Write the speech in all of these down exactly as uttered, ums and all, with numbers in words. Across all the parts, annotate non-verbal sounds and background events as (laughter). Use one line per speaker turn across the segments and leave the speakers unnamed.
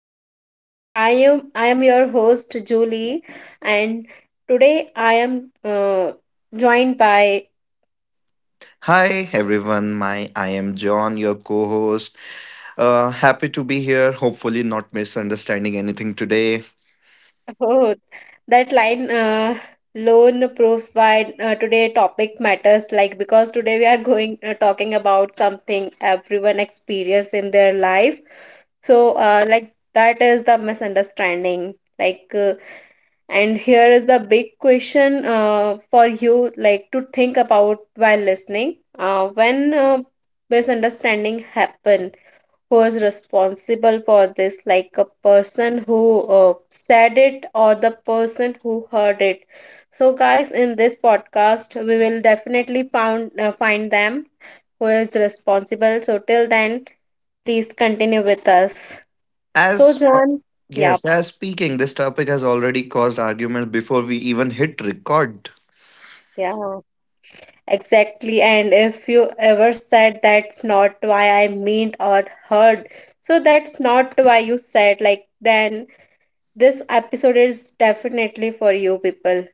podcast. I am I am your host Julie, and today I am uh, joined by
Hi everyone, my I am John, your co-host. Uh, happy to be here. Hopefully, not misunderstanding anything today.
(laughs) oh, that line uh, lone proof by uh, today topic matters like because today we are going uh, talking about something everyone experience in their life. So uh, like that is the misunderstanding like. Uh, And here is the big question uh, for you, like to think about while listening. Uh, when uh, misunderstanding happen, who is responsible for this? Like a person who uh, said it or the person who heard it. So, guys, in this podcast, we will definitely found uh, find them who is responsible. So, till then, please continue with us. So,
As uh,
John, yeah,
yes, as speaking, this topic has already caused arguments before we even hit record.
yeah. Exactly, and if you ever said that's not why I meant or heard, so that's not why you said, like, then this episode is definitely for you people.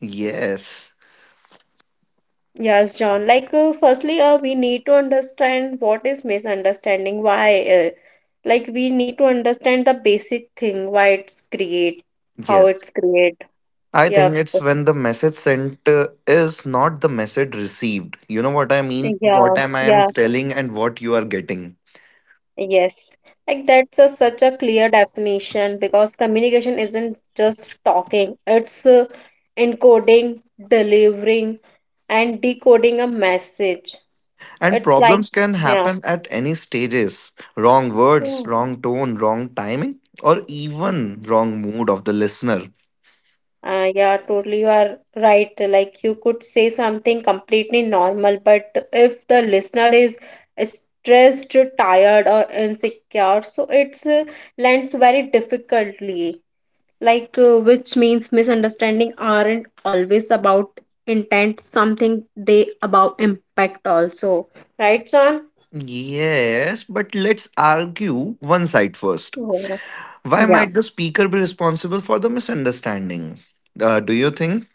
Yes,
Yes, John. Like, uh, firstly, uh, we need to understand what is misunderstanding, why, uh, like, we need to understand the basic thing, why it's create, how
yes.
it's create.
I think
Yep.
it's when the message sent uh, is not the message received. You know what I mean?
Yeah,
What am I am
yeah.
telling and what you are getting.
Yes, like that's a, such a clear definition because communication isn't just talking, it's uh, encoding, delivering, and decoding a message.
And
It's like,
problems can
yeah.
happen at any stages wrong words,
Mm.
wrong tone, wrong timing, or even wrong mood of the listener.
Uh, yeah, totally, you are right. Like, you could say something completely normal, but if the listener is stressed, tired, or insecure, so it's uh, lands very difficultly. Like uh, which means misunderstanding aren't always about intent something they about impact also, right, Sam?
Yes, but let's argue one side first.
Yeah.
Why
Yeah.
might the speaker be responsible for the misunderstanding? Uh, do you think?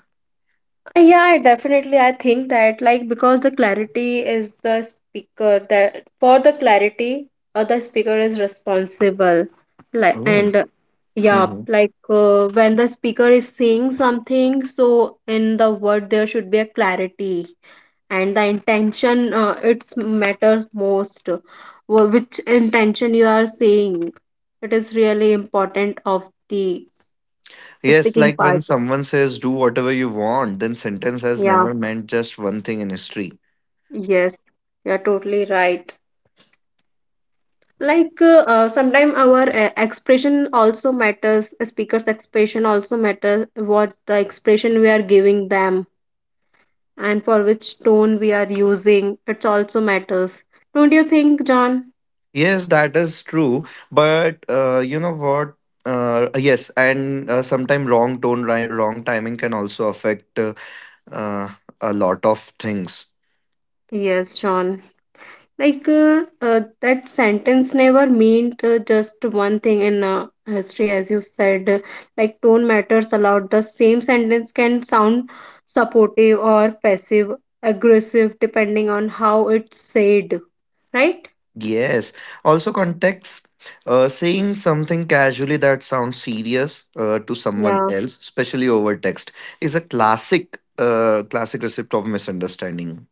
Uh, yeah, definitely I think that, like, because the clarity is the speaker that for the clarity or the speaker is responsible, like,
Oh.
and yeah,
Mhm.
like uh, when the speaker is saying something, so in the word there should be a clarity and the intention uh, it's matters most. Wh- Which intention you are saying, it is really important of the
Yes,
speaking
like when
part.
someone says, do whatever you want, then sentence has
Yeah,
never meant just one thing in history.
yes, you're totally right. Like uh, uh, sometimes our uh, expression also matters, speaker's expression also matters, what the expression we are giving them and for which tone we are using, it also matters, don't you think, John?
Yes, that is true. But uh, you know what? Uh, yes, and uh, sometimes wrong tone, ri- wrong timing can also affect uh, uh, a lot of things.
Yes, John. Like uh, uh, that sentence never meant uh, just one thing in uh, history, as you said uh, like tone matters a lot, the same sentence can sound supportive or passive aggressive depending on how it's said, right?
Yes. Also, context. Uh, saying something casually that sounds serious uh, to someone
Yeah.
else, especially over text, is a classic, uh, classic recipe of misunderstanding.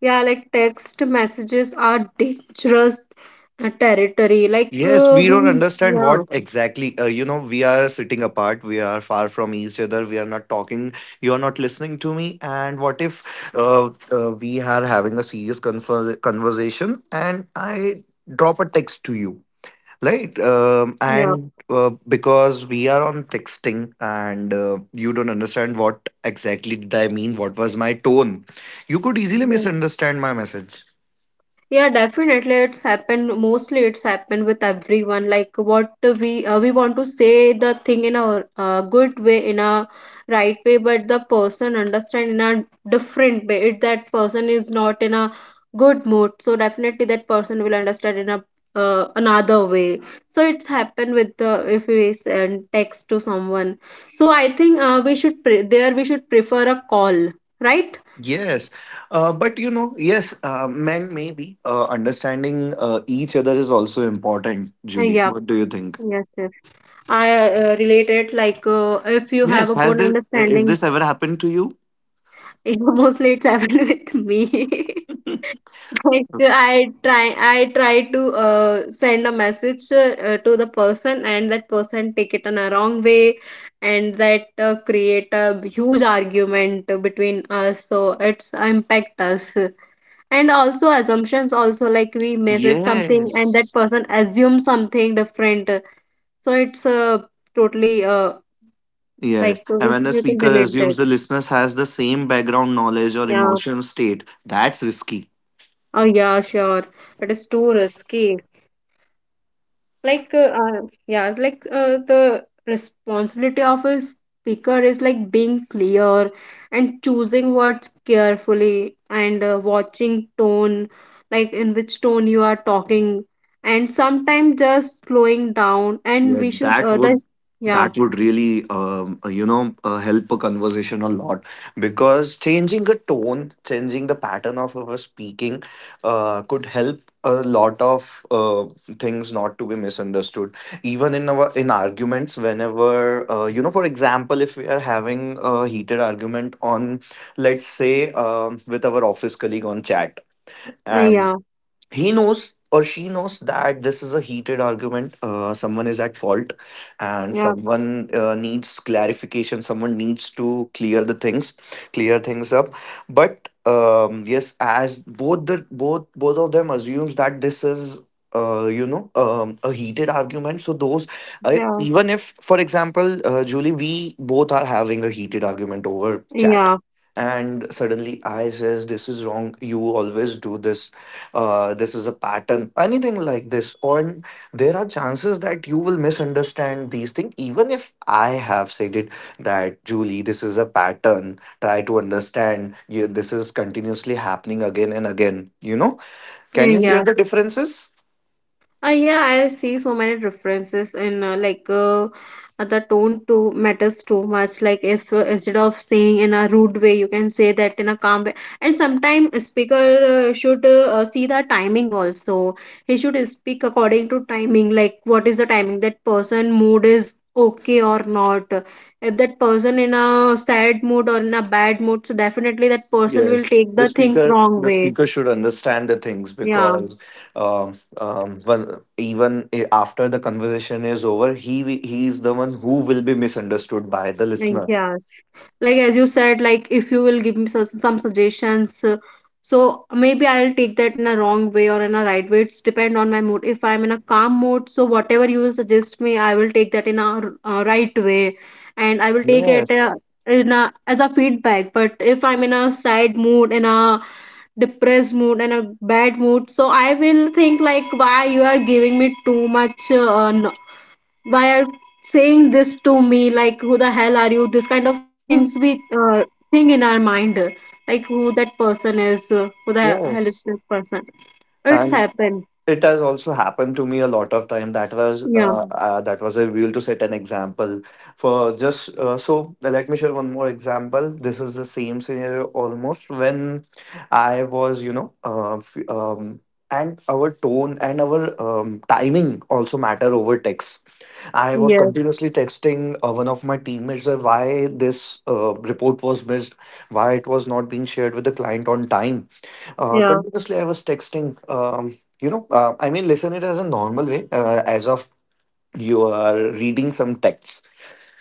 Yeah, like text messages are dangerous uh, territory, like
Yes,
uh,
we don't
we,
understand
yeah,
what exactly. Uh, you know, we are sitting apart. We are far from each other. We are not talking. You are not listening to me. And what if uh, uh, we are having a serious confer- conversation and I drop a text to you, right? Um,
yeah.
and uh, because we are on texting and uh, you don't understand what exactly did I mean, what was my tone, you could easily
Mhm.
misunderstand my message.
Yeah, definitely. It's happened. Mostly, it's happened with everyone. Like what we uh, we want to say the thing in a uh, good way, in a right way, but the person understand in a different way. It that person is not in a good mood, so definitely that person will understand in a uh, another way. So it's happened with the if we send text to someone. So I think uh, we should pre- there we should prefer a call, right?
Yes, uh, but you know, yes, uh, men maybe uh, understanding uh, each other is also important.
Uh,
Julie,
yeah.
what do you think?
Yes. Yes. I uh, uh, relate it like uh, if you have
Yes,
a
has
good
this is
understanding.
this ever happened to you?
(laughs) Mostly it's happened with me. (laughs) Like I try, I try to uh, send a message uh, to the person, and that person take it in a wrong way, and that uh, create a huge argument between us. So it's impact us, and also assumptions. Also, like we message something, and that
Yes,
person assumes something different. So it's uh, totally uh,
yes,
like
and
probably
when the
you can
speaker
relate that.
assumes the listeners has the same background knowledge or
Yeah.
emotion state, that's risky.
Oh yeah, sure. It is too risky. Like uh, uh, yeah, like uh, the responsibility of a speaker is like being clear and choosing words carefully and uh, watching tone, like in which tone you are talking, and sometimes just slowing down. And
Yeah,
we should
that
uh,
would
the yeah
that would really um, uh, you know uh, help a conversation a lot because changing a tone, changing the pattern of our speaking, uh, could help a lot of uh, things not to be misunderstood. Even in our in arguments, whenever uh, you know, for example, if we are having a heated argument on, let's say, um with our office colleague on chat. And
yeah
he knows or she knows that this is a heated argument, uh, someone is at fault and
yeah
someone uh, needs clarification, someone needs to clear the things, clear things up. But um, yes, as both the both both of them assumes that this is, uh, you know, um, a heated argument, so those, uh,
yeah
even if, for example, uh, Julie, we both are having a heated argument over chat
yeah
and suddenly I says, this is wrong, you always do this, uh, this is a pattern, anything like this. Or there are chances that you will misunderstand these things, even if I have said it that Julie, this is a pattern. Try to understand. Yeah, this is continuously happening again and again. You know, can you hear
yeah.
the differences?
Uh, yeah, I see so many references and uh, like uh, uh, the tone too matters too much. Like if uh, instead of saying in a rude way, you can say that in a calm way. And sometimes speaker uh, should uh, uh, see the timing also. He should speak according to timing. Like what is the timing that person mood is okay or not. If that person in a sad mood or in a bad mood, so definitely that person will
Yes.
take
The
the things
speaker,
wrong
the
way.
speaker should understand the things
Yeah.
because, um, um, well, even i- after the conversation is over, he wi- he is the one who will be misunderstood by the
Like,
listener.
yes, like as you said, like if you will give me some, some suggestions, uh, so maybe I'll take that in a wrong way or in a right way. It's depend on my mood. If I'm in a calm mood, so whatever you will suggest me, I will take that in a, r- uh right way, and I will take it
Yes.
uh, in a as a feedback. But if I'm in a sad mood, in a depressed mood and a bad mood, so I will think like why you are giving me too much uh, n- why are saying this to me, like, who the hell are you, this kind of things we
(laughs)
uh, think in our mind, like who that person is, uh, who the hell is
Yes,
this person, it's
and
happened.
it has also happened to me a lot of time. That was uh,
Yeah,
Mm. uh, that was a rule to set an example for just uh, so. Let me share one more example. This is the same scenario almost when I was, you know, uh, f- um, and our tone and our um, timing also matter over text. I was
yes,
continuously texting uh, one of my teammates uh, why this uh, report was missed, why it was not being shared with the client on time, uh,
yeah,
continuously, I was texting. Um, you know, uh, I mean, listen it as a normal way, uh, as of you are reading some texts,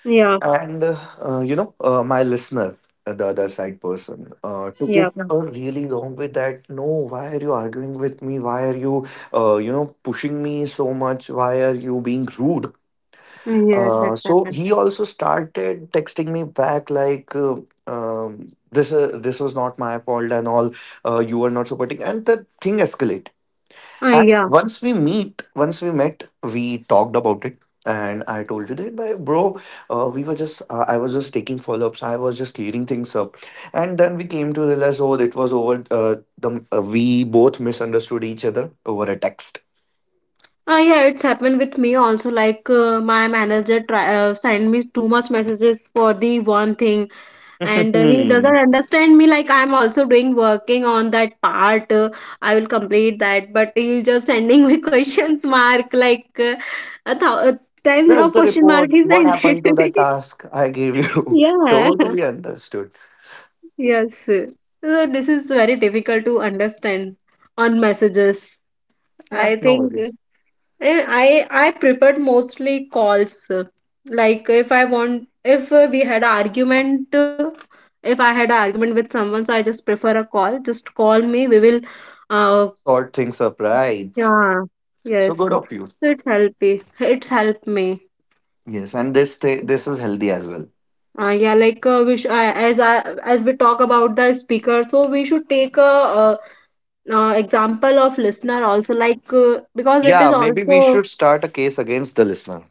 yeah,
and uh, uh, you know, uh, my listener, uh, the other side person, uh, took it
yeah,
a really long way. That no, why are you arguing with me? Why are you, uh, you know, pushing me so much? Why are you being rude?
yes,
Uh,
it's
so
happened.
he also started texting me back like. Uh, um, this uh, this was not my fault and all, uh, you were not supporting, and the thing escalated.
Uh,
And
yeah.
once we meet, once we met, we talked about it. And I told you that, "Bhai, bro, uh, we were just, uh, I was just taking follow ups. I was just clearing things up. And then we came to realize, oh, it was over, uh, the, uh, we both misunderstood each other over a text. (laughs)
Uh, yeah, it's happened with me also. Like uh, my manager try, uh, sent me too much messages for the one thing, and uh, he
Hmm.
doesn't understand me. Like I'm also doing working on that part. Uh, I will complete that, but he's just sending me (laughs) questions mark. Like uh, a, thou- a time now
Where's the
question mark
report?
is
What
ended.
happened to
(laughs)
the task I gave you? (laughs)
Yeah.
Totally
(laughs)
understood.
Yes. So this is very difficult to understand on messages.
Yeah,
I
no
think.
worries.
And I I preferred mostly calls. Uh, like if I want, if uh, we had an argument, uh, if I had an argument with someone, so I just prefer a call. Just call me. We will. Uh,
Sort things up, right?
yeah.
So
Yes.
good
So
of you.
it's helpy. It's helped me.
Yes, and this, thi- this is healthy as well.
Uh, yeah, like uh, we sh- uh, as I as we talk about the speaker, so we should take a, uh uh example of listener also, like, uh, because it is
Yeah, maybe we
also
should start a case against the listener.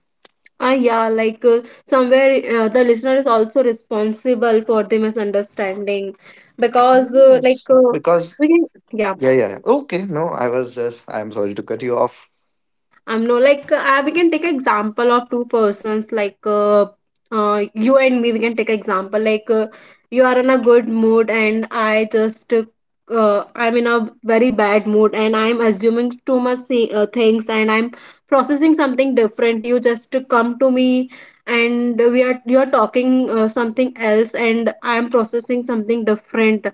ah, yeah, like uh, somewhere uh, the listener is also responsible for the misunderstanding because, uh, like,
Yes,
uh,
because
we can, yeah.
yeah, yeah, yeah. Okay, no, I was just. I'm sorry to cut you off.
I'm no like uh, I- we can take example of two persons, like uh, uh, you and me. We can take example like uh, you are in a good mood and I just uh, uh, I'm in a very bad mood and I'm assuming too much thi- uh, things and I'm processing something different. You just come to me and we are you're talking uh, something else and I'm processing something different.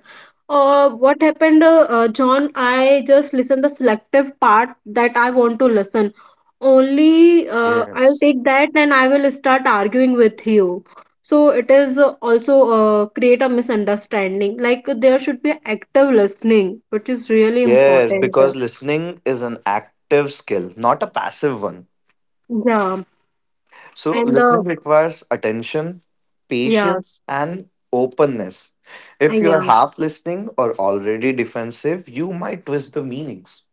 uh, What happened, uh, uh, John? I just listen the selective part that I want to listen. Only uh, I'll
Yes,
take that and I will start arguing with you. So it is uh, also uh, create a misunderstanding. Like there should be active listening, which is really
yes,
important.
because listening is an active skill, not a passive one.
Yeah,
So
and uh,
listening requires attention,
yes,
patience, and openness.
uh,
If you are
yeah,
half listening or already defensive, you might twist the meanings.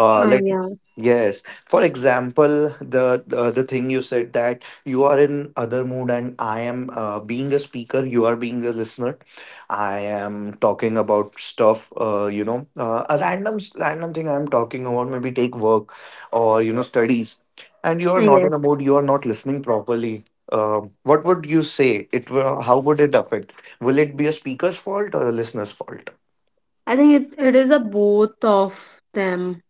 Uh,
uh,
let
yes,
Yes, for example, the, the the thing you said that you are in other mood and I am, uh, being a speaker, you are being a listener. I am talking about stuff, uh, you know, uh, a random s- random thing I'm talking about, maybe take work or you know studies, and you are
uh,
not in a
yes.
mood, you are not listening properly. Uh, what would you say, it will, how would it affect? Will it be a speaker's fault or a listener's fault?
I think it, it is a both of them.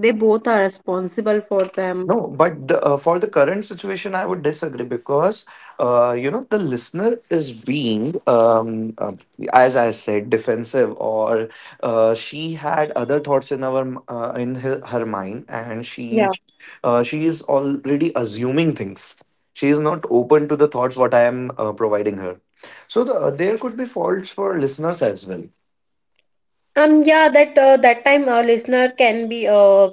They both are responsible for them.
No, but the, uh, for the current situation, I would disagree because uh, you know the listener is being, um, uh, as I said, defensive, or uh, she had other thoughts in our m- uh, in her, her mind, and she
Yeah.
uh, she is already assuming things. She is not open to the thoughts what I am uh, providing her. So the, uh, there could be faults for listeners as well.
Um, yeah, that uh, that time uh, listener can be uh,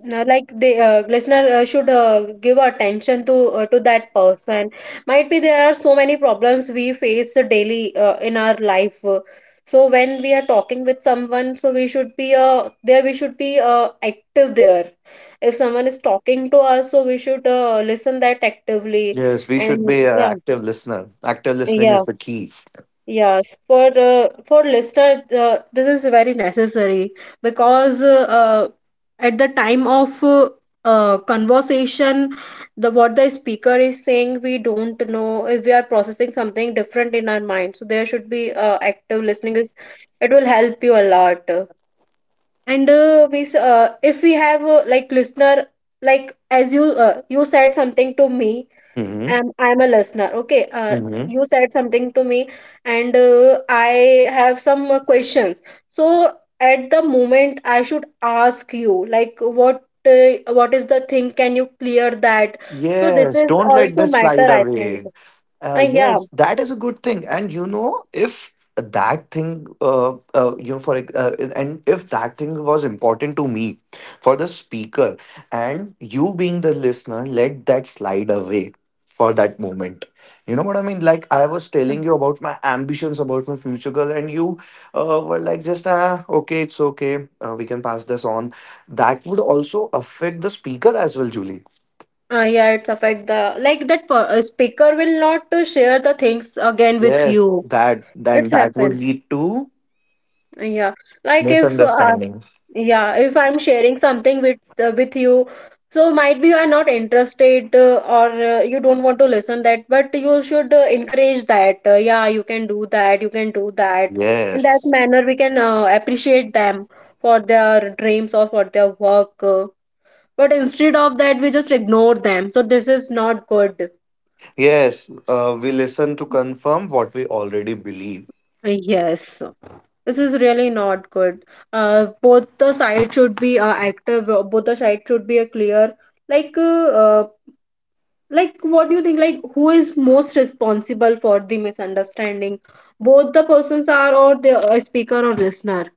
no, like the uh, listener uh, should uh, give attention to uh, to that person. Might be there are so many problems we face daily uh, in our life. So when we are talking with someone, so we should be uh, there. We should be uh, active there. If someone is talking to us, so we should uh, listen that actively.
Yes, we should
And
be an
yeah,
active listener. Active listening
yeah.
is the key.
Yes, for uh, for listener, uh, this is very necessary because uh, uh, at the time of uh, uh, conversation, the what the speaker is saying, we don't know if we are processing something different in our mind. So there should be uh, active listening is it will help you a lot. And uh, we s- uh, if we have uh, like listener, like as you uh, you said something to me,
Mm-hmm.
I'm I'm a listener. Okay. Uh,
Mm-hmm.
you said something to me, and uh, I have some uh, questions. So at the moment, I should ask you, like, what uh, what is the thing? Can you clear that? So this
Yes,
is
don't let
also
that slide
matter, I think.
away.
Uh,
Uh,
yeah.
yes, that is a good thing. And you know, if that thing, uh, uh, you know, for ex- uh, and if that thing was important to me for the speaker, and you being the listener, let that slide away for that moment. You know what I mean? Like I was telling you about my ambitions about my future goal, and you uh, were like, just ah, okay, it's okay, uh, we can pass this on. That would also affect the speaker as well, Julie.
Uh, yeah, it's affect the like that per- uh, speaker will not to share the things again with
Yes,
you.
that then
It's
that would
happened.
lead to
Uh, Yeah, like if uh,
misunderstanding.
yeah, if I'm sharing something with uh, with you, so might be you are not interested uh, or uh, you don't want to listen that, but you should uh, encourage that. Uh, yeah, you can do that. You can do that. In that
Yes.
manner, we can uh, appreciate them for their dreams or for their work. Uh, but instead of that, we just ignore them. So this is not good.
Yes, uh, we listen to confirm what we already believe.
Yes, this is really not good. Uh, both the side should be uh, active. uh, Both the side should be a clear like uh, uh, like what do you think, like who is most responsible for the misunderstanding, both the persons are or the uh, speaker or listener?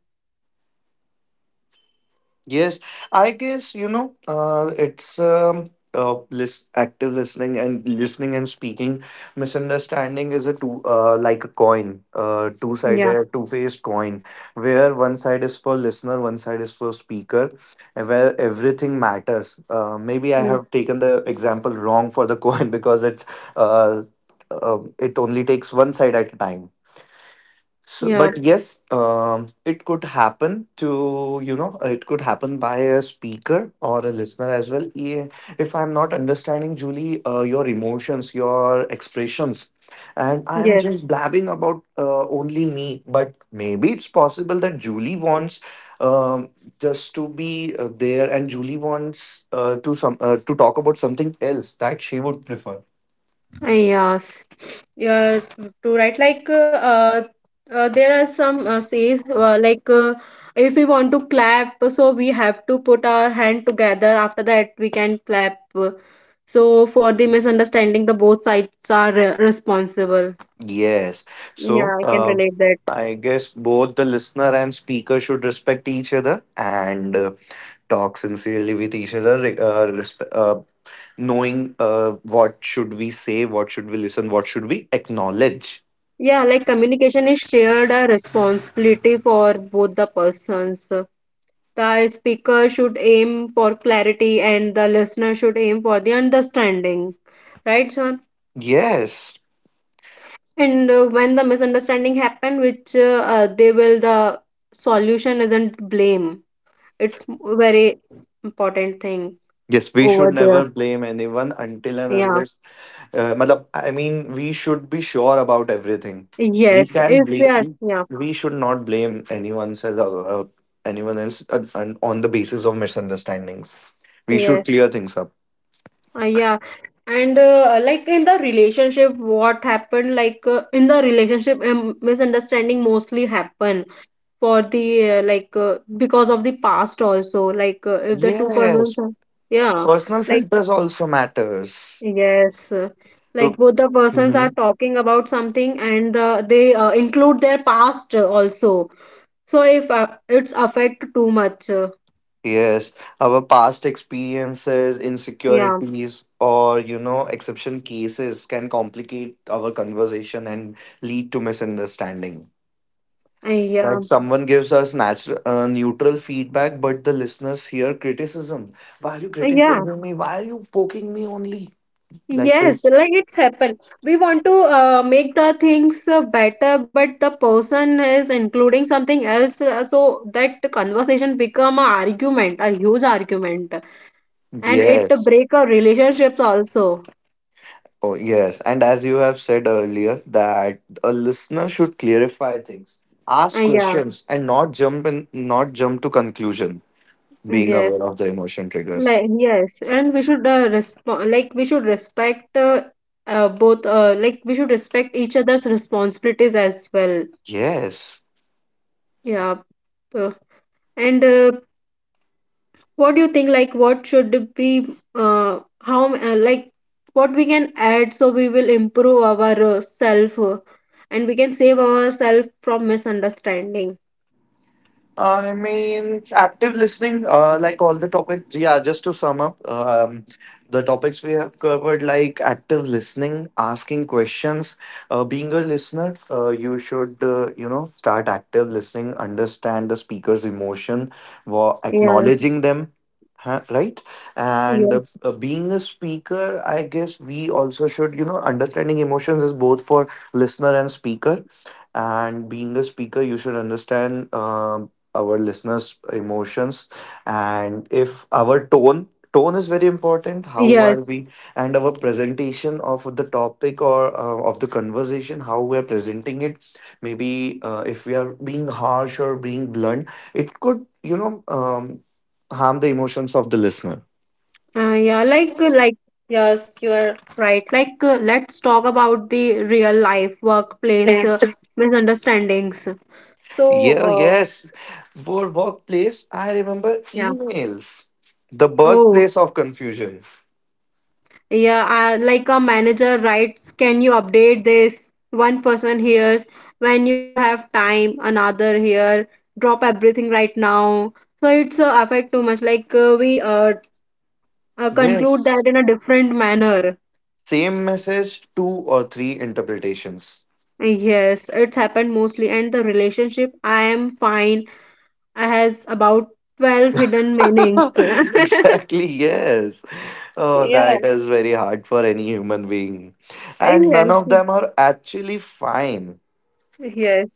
Yes, I guess you know uh, it's um, uh, lis- active listening and listening and speaking. Misunderstanding is a two, uh, like a coin, uh,
Yeah.
two-sided, two-faced coin, where one side is for listener, one side is for speaker, and where everything matters. Uh, maybe I
mm,
have taken the example wrong for the coin (laughs) because it's uh, uh, it only takes one side at a time. So,
yeah.
but yes, um, it could happen to, you know, it could happen by a speaker or a listener as well. Yeah, if I'm not understanding, Julie, uh, your emotions, your expressions, and I'm
Yes.
just blabbing about uh, only me, but maybe it's possible that Julie wants um, just to be uh, there, and Julie wants uh, to some uh, to talk about something else that she would prefer.
Uh, yes. Yeah. To write like uh, uh, uh, there are some uh, says uh, like uh, if we want to clap, so we have to put our hand together, after that we can clap. So for the misunderstanding, the both sides are uh, responsible.
Yes.
Yeah,
So,
I can
uh,
relate that.
I guess both the listener and speaker should respect each other and uh, talk sincerely with each other, re- uh, respe- uh, knowing uh, what should we say, what should we listen, what should we acknowledge.
Yeah, like communication is shared a responsibility for both the persons. The speaker should aim for clarity and the listener should aim for the understanding. Right, Sean?
Yes.
And uh, when the misunderstanding happen, which uh, uh, they will, the solution isn't blame. It's very important thing
Yes, we should
over there.
never blame anyone until and
Yeah.
unless uh, matlab, I mean we should be sure about everything. we
Yes.
can
If we
blame
are,
we,
yeah.
we should not blame anyone else, uh, uh, anyone else uh, and on the basis of misunderstandings we should
Yes.
clear things up.
Uh, yeah. And uh, like in the relationship what happened, like uh, in the relationship, um, misunderstanding mostly happen for the uh, like uh, because of the past also, like uh, if the two persons
Yes,
are, yeah,
personal
like,
filters also matters.
yes. Uh, like
So-
both the persons are
Mhm.
talking about something and uh, they uh, include their past uh, also. So if uh, it's affect too much. Uh,
Yes, our past experiences,
yeah.
insecurities, or you know exception cases can complicate our conversation and lead to misunderstanding.
Uh, yeah.
Like someone gives us natural, uh, neutral feedback, but the listeners hear criticism. Why are you
Uh, yeah.
criticizing me? Why are you poking me only? Like
Yes,
this.
like it's happened. We want to uh, make the things uh, better, but the person is including something else, uh, so that conversation become a argument, a huge argument, and it
Yes.
break our relationships also.
Oh, yes. And as you have said earlier, that a listener should clarify things,
Uh,
ask
yeah,
questions, and not jump in, not jump to conclusion. Being
yes,
aware of the emotion triggers.
like yes, and we should uh, resp- like we should respect uh, uh, both, uh, like we should respect each other's responsibilities as well.
Yes.
Yeah, uh, and uh, what do you think, like what should be uh, how uh, like what we can add, so we will improve our uh, self, uh, and we can save ourselves from misunderstanding.
I mean, active listening, uh, like all the topics. Yeah, just to sum up, um, the topics we have covered, like active listening, asking questions, uh, being a listener, uh, you should, uh, you know, start active listening, understand the speaker's emotion, wa-
Yeah.
acknowledging them. Huh, right. and uh,
Yes.
uh, being a speaker, I guess we also should you know understanding emotions is both for listener and speaker. And being a speaker, you should understand, um, our listeners' emotions, and if our tone tone is very important. How are
Yes.
we and our presentation of the topic, or uh, of the conversation? How we are presenting it? Maybe uh, if we are being harsh or being blunt, it could you know um, harm the emotions of the listener.
Uh, yeah, like uh, like yes, you are right, like uh, let's talk about the real life workplace uh,
Yes.
misunderstandings. So
Yeah,
uh,
yes. For workplace, I remember
yeah.
emails, the
Oh.
birthplace of confusion.
Yeah, uh, like a manager writes, "Can you update this?" One person hears, "When you have time," another here, "drop everything right now." So it's uh, affect too much. Like uh, we uh, uh, conclude that
Yes.
in a different manner.
Same message, two or three interpretations.
Yes, it's happened mostly. And the relationship, "I am fine," has about twelve hidden meanings.
(laughs)
(laughs)
Exactly, yes. Oh,
Yeah.
that is very hard for any human being. And none of
Yes.
them are actually fine.
Yes.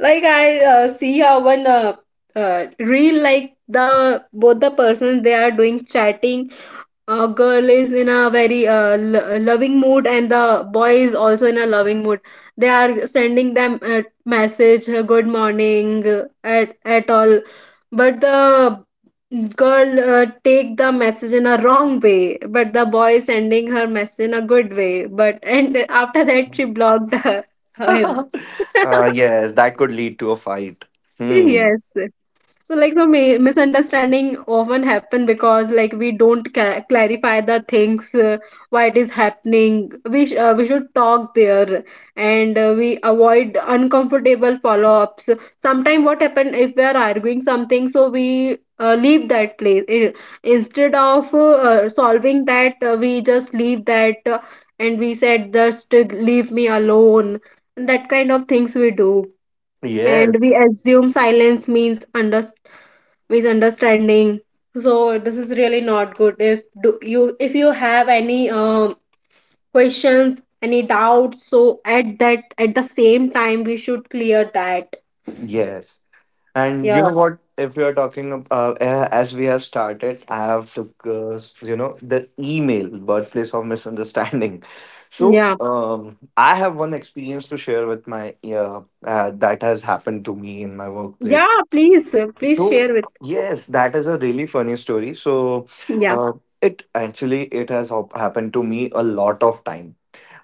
Like I uh, see how one uh, uh, reel like the both the persons, they are doing chatting. Uh, girl is in a very uh, lo- loving mood and the boy is also in a loving mood. They are sending them a message, uh, good morning uh, at at all. But the girl uh, take the message in a wrong way, but the boy is sending her message in a good way. But and after that she blocked her,
(laughs)
him. (laughs)
uh, yes, that could lead to a fight. Hmm.
Yes. So, like, so, mi- misunderstanding often happen because, like, we don't ca- clarify the things, uh, why it is happening. We sh- uh, we should talk there, and uh, we avoid uncomfortable follow-ups. Sometimes, what happen if we are arguing something, so we uh, leave that place, I- instead of uh, uh, solving that. Uh, we just leave that, uh, and we said, "Just leave me alone." That kind of things we do, and
Yes.
we assume silence means under misunderstanding. So this is really not good. If do you, if you have any um questions, any doubts, so at that, at the same time we should clear that.
Yes. And you
Yeah.
know what? If we are talking ab- uh, a- as we have started, I have to, uh, you know the email birthplace of misunderstanding. (laughs) So
Yeah,
um, I have one experience to share with my uh, uh, that has happened to me in my workplace.
yeah, please, uh, please
So
share with.
yes, that is a really funny story. So
Yeah.
uh, it actually, it has hap- happened to me a lot of time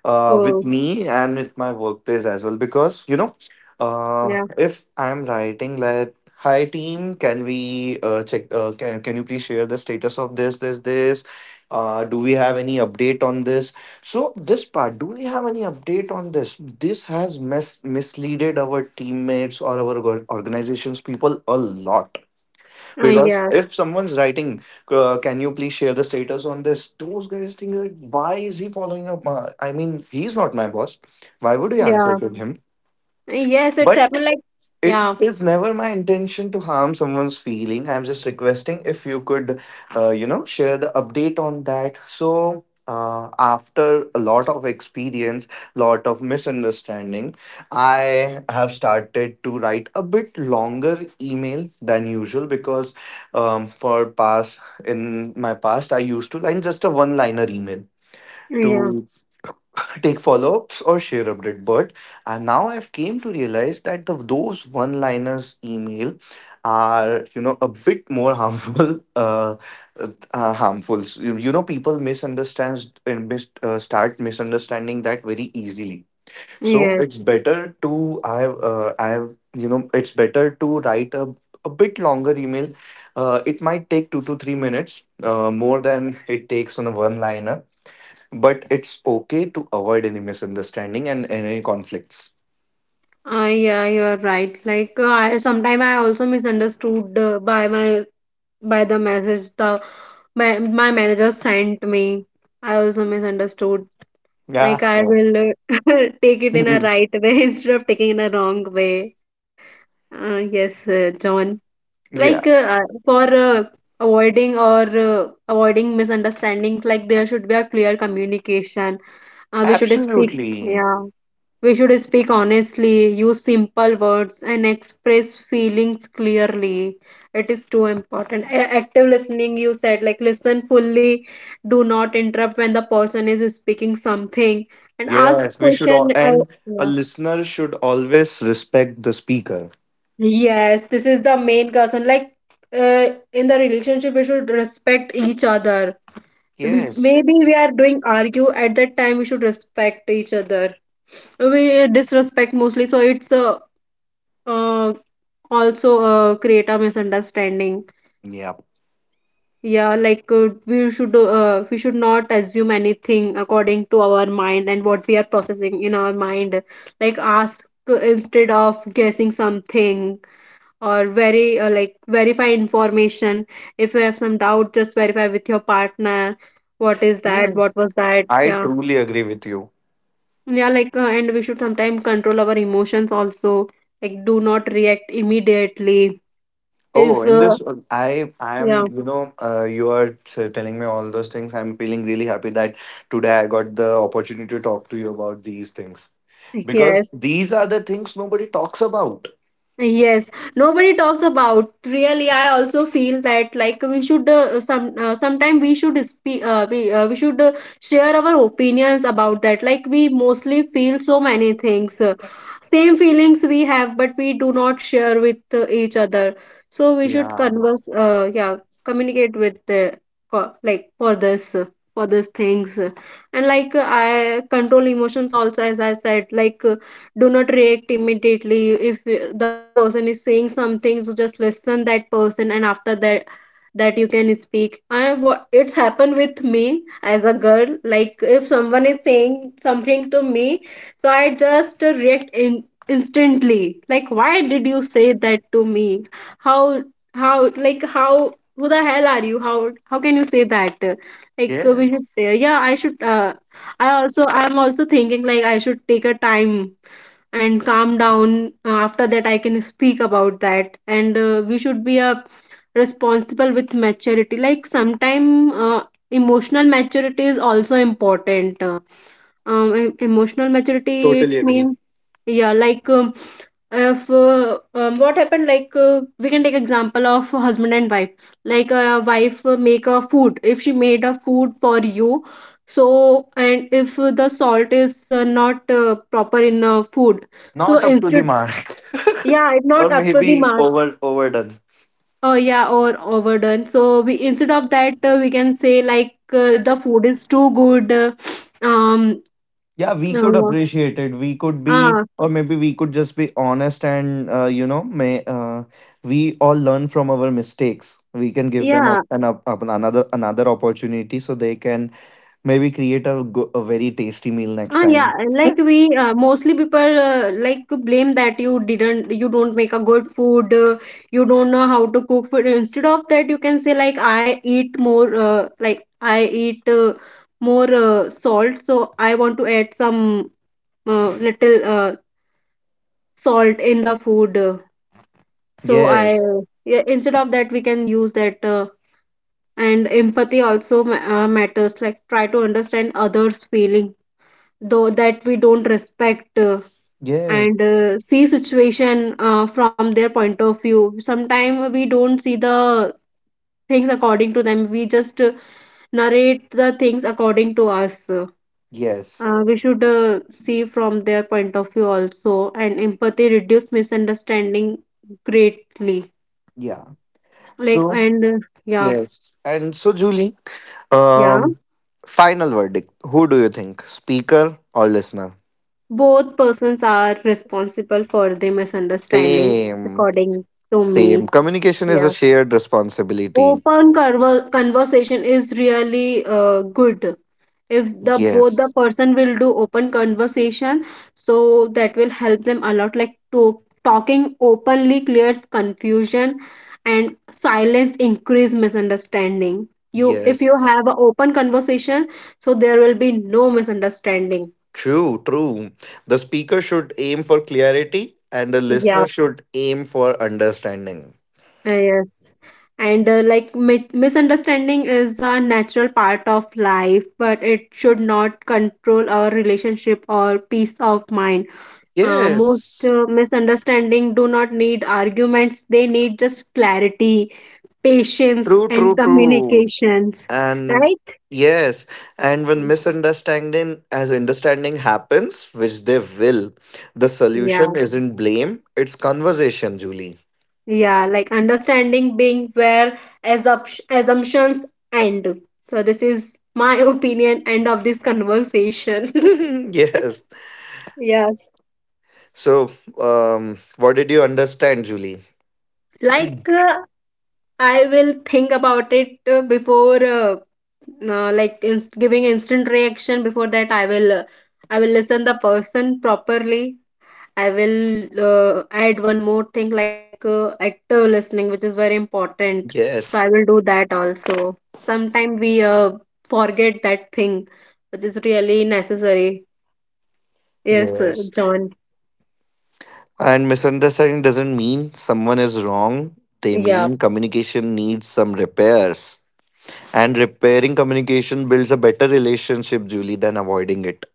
uh, with
Oh.
me and with my workplace as well, because you know uh,
Yeah.
if I'm writing that, hi team, can we uh, check, uh, can, can you please share the status of this, this this uh, do we have any update on this? So this part, do we have any update on this. This has mis misleaded our teammates or our org- organizations people a lot,
Uh,
because
yes.
if someone's writing, uh, can you please share the status on this? Those guys think, like, why is he following up? My, I mean, he's not my boss. Why would you answer
Yeah.
to him?
Uh, yes, it's
But
happened like.
it
Yeah.
is never my intention to harm someone's feeling. I'm just requesting if you could, uh, you know, share the update on that. So, uh, after a lot of experience, lot of misunderstanding, I have started to write a bit longer email than usual because, um, for past in my past, I used to line just a one-liner email
Yeah.
to take follow-ups or share update. But and now I've came to realize that the, those one-liners email are, you know, a bit more harmful. (laughs) uh, uh harmful. So, you, you know, people misunderstands and mis- uh, start misunderstanding that very easily. So it's
Yes.
better to, i have uh, i have, you know it's better to write a a bit longer email. Uh, it might take two to three minutes uh, more than it takes on a one liner, but it's okay to avoid any misunderstanding and any conflicts.
Uh, yeah, you're right, like uh, I, sometimes I also misunderstood uh, by my, by the message the my, my manager sent me. I also misunderstood.
Yeah.
Like I
No.
will uh, (laughs) take it in a
(laughs)
right way (laughs) instead of taking in a wrong way. Uh, yes, uh, John. Like
Yeah.
uh, uh, for uh, avoiding, or uh, avoiding misunderstandings, like there should be a clear communication. Uh, we should speak.
Absolutely.
Yeah, we should speak honestly, use simple words, and express feelings clearly. It is too important. A- active listening, you said, like listen fully, do not interrupt when the person is speaking something, and ask
Yes, we should all,
question. Uh,
and a
yeah.
listener should always respect the speaker.
Yes, this is the main concern. Like uh, in the relationship, we should respect each other. If,
Yes.
maybe we are doing argue at that time, we should respect each other. We disrespect mostly, so it's a uh, also uh, create a misunderstanding.
Yeah.
Yeah, like uh, we should uh, we should not assume anything according to our mind and what we are processing in our mind. Like ask instead of guessing something, or very uh, like verify information. If you have some doubt, just verify with your partner, what is that,
Yes.
what was that.
I
Yeah.
truly agree with you.
Yeah, like uh, and we should sometimes control our emotions also, like do not react immediately
Oh,
if
in
uh,
this, uh, I I
yeah,
am, you know uh, you are t- telling me all those things. I'm feeling really happy that today I got the opportunity to talk to you about these things, because
yes.
these are the things nobody talks about.
Yes, nobody talks about. Really, I also feel that, like we should uh, some uh, sometime we should speak, uh, we uh, we should uh, share our opinions about that. Like we mostly feel so many things, uh, same feelings we have, but we do not share with uh, each other. So we should
Yeah,
converse. Uh, yeah, communicate with the co- like for this uh, for these things, and like uh, I control emotions also, as I said, like do not react immediately if uh, the person is saying something, so just listen that person, and after that, that you can speak. I, what it's happened with me as a girl, like if someone is saying something to me, so I just uh, react in instantly, like, why did you say that to me, how how like how, who the hell are you, how how can you say that. Like uh, we
yes,
should, yeah, I should uh, I also, I'm also thinking like I should take a time and calm down. Uh, After that, I can speak about that. And uh, we should be a responsible with maturity. Like sometime uh, emotional maturity is also important. Uh, um, em- emotional maturity,
totally
it
agree.
means, yeah, like um, if uh, um, what happened, like uh, we can take example of husband and wife. Like a wife uh, make a food. If she made a food for you, so and if the salt is uh, not uh, proper in uh, food, so
Not up to the
instead,
mark. (laughs)
yeah, it's not
Or
up to the
maybe
mark.
over overdone.
Oh yeah, or overdone. So we instead of that, uh, we can say like uh, the food is too good. Uh, um.
Yeah, we could
Uh,
appreciate it. We could be,
ah.
or maybe we could just be honest, and, uh, you know, may uh, we all learn from our mistakes. We can give them
Yeah.
up an up, up another another opportunity so they can maybe create a, go- a very tasty meal next
Ah, yeah,
time.
like we uh, mostly people uh, like blame that you didn't, you don't make a good food, uh, you don't know how to cook food. Instead of that, you can say like I eat more, uh, like I eat uh, more uh, salt, so I want to add some uh, little uh, salt in the food. uh, So I,
Yes,
yeah, instead of that, we can use that, uh, and empathy also ma- uh, matters. Like try to understand others' feeling, though that we don't respect uh, and
yes,
uh, see situation uh, from their point of view. Sometimes we don't see the things according to them, we just uh, narrate the things according to us.
yes,
Uh, we should uh, see from their point of view also, and empathy reduce misunderstanding greatly.
yeah.
Like
So,
and uh, yeah.
yes. And so, Julie,
Yeah,
um, final verdict. Who do you think, speaker or listener?
both persons are responsible for the misunderstanding
Same,
according to
same.
me.
Communication is a
Yeah.
shared responsibility.
Open conver conversation is really uh, good. If the both the
Yes,
person will do open conversation, so that will help them a lot. Like to talking openly clears confusion, and silence increase misunderstanding. You, if
yes.
you have an open conversation, so there will be no misunderstanding.
True, true. The speaker should aim for clarity and the
Yeah.
listener should aim for understanding.
Uh, yes. And uh, like mi- misunderstanding is a natural part of life, but it should not control our relationship or peace of mind. Uh, most
Yes,
uh, misunderstanding do not need arguments; they need just clarity, patience,
true,
and
true, true.
communications.
And
Right?
yes, and when misunderstanding as understanding happens, which they will, the
Yeah.
solution isn't blame, it's conversation, Julie.
Yeah. Like understanding being where assup- assumptions end. So this is my (laughs) opinion. End of this conversation. (laughs)
(laughs) Yes.
Yeah,
So, um, what did you understand, Julie?
like uh, I will think about it uh, before, uh, uh, like inst- giving instant reaction. Before that, I will, uh, I will listen the person properly. I will uh, add one more thing like uh, active listening, which is very important. So
Yes.
I will do that also. Sometimes we uh, forget that thing, which is really necessary. Yes, uh,
Yes.
John.
And misunderstanding doesn't mean someone is wrong. They
Yeah.
mean communication needs some repairs. And repairing communication builds a better relationship, Julie, than avoiding it.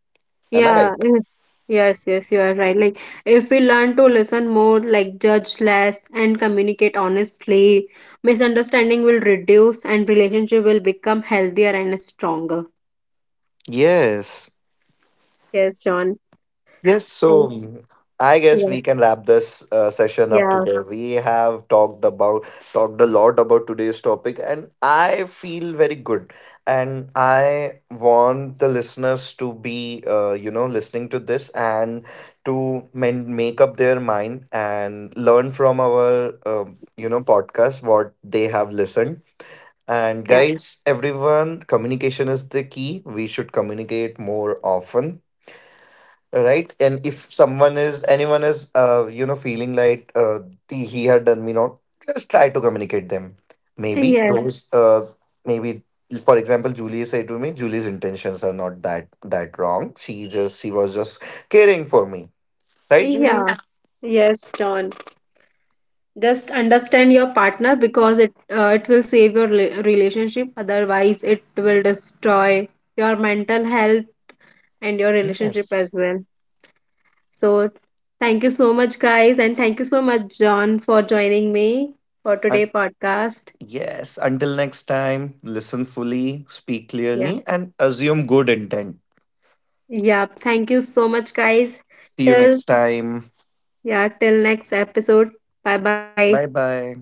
Am I
Yeah,
right?
eh, yes, yes, you are right. Like, if we learn to listen more, like judge less, and communicate honestly, misunderstanding will reduce and relationship will become healthier and stronger.
Yes.
Yes, John.
Yes, so
And
mm, I guess
yeah,
we can wrap this uh, session up
yeah,
today. We have talked about talked a lot about today's topic, and I feel very good. And I want the listeners to be, uh, you know, listening to this, and to men- make up their mind, and learn from our, uh, you know, podcast what they have listened. And
yeah.
guys, everyone, communication is the key. We should communicate more often, right? And if someone is anyone is uh, you know feeling like, uh, the, he had done me not. Just try to communicate them, maybe
Yes,
those uh, maybe for example, Julie said to me, Julie's intentions are not that that wrong, she just she was just caring for me, right Julie?
yeah. Yes, John. Just understand your partner, because it uh, it will save your rela- relationship. Otherwise, it will destroy your mental health and your
Yeah,
relationship
yes.
as well. So, thank you so much, guys, and thank you so much, John, for joining me for today
And
podcast.
yes, until next time, listen fully, speak
Yeah,
clearly, and assume good intent.
yeah. Thank you so much, guys.
See you
Till
next time.
yeah, till next episode. Bye bye.
Bye bye.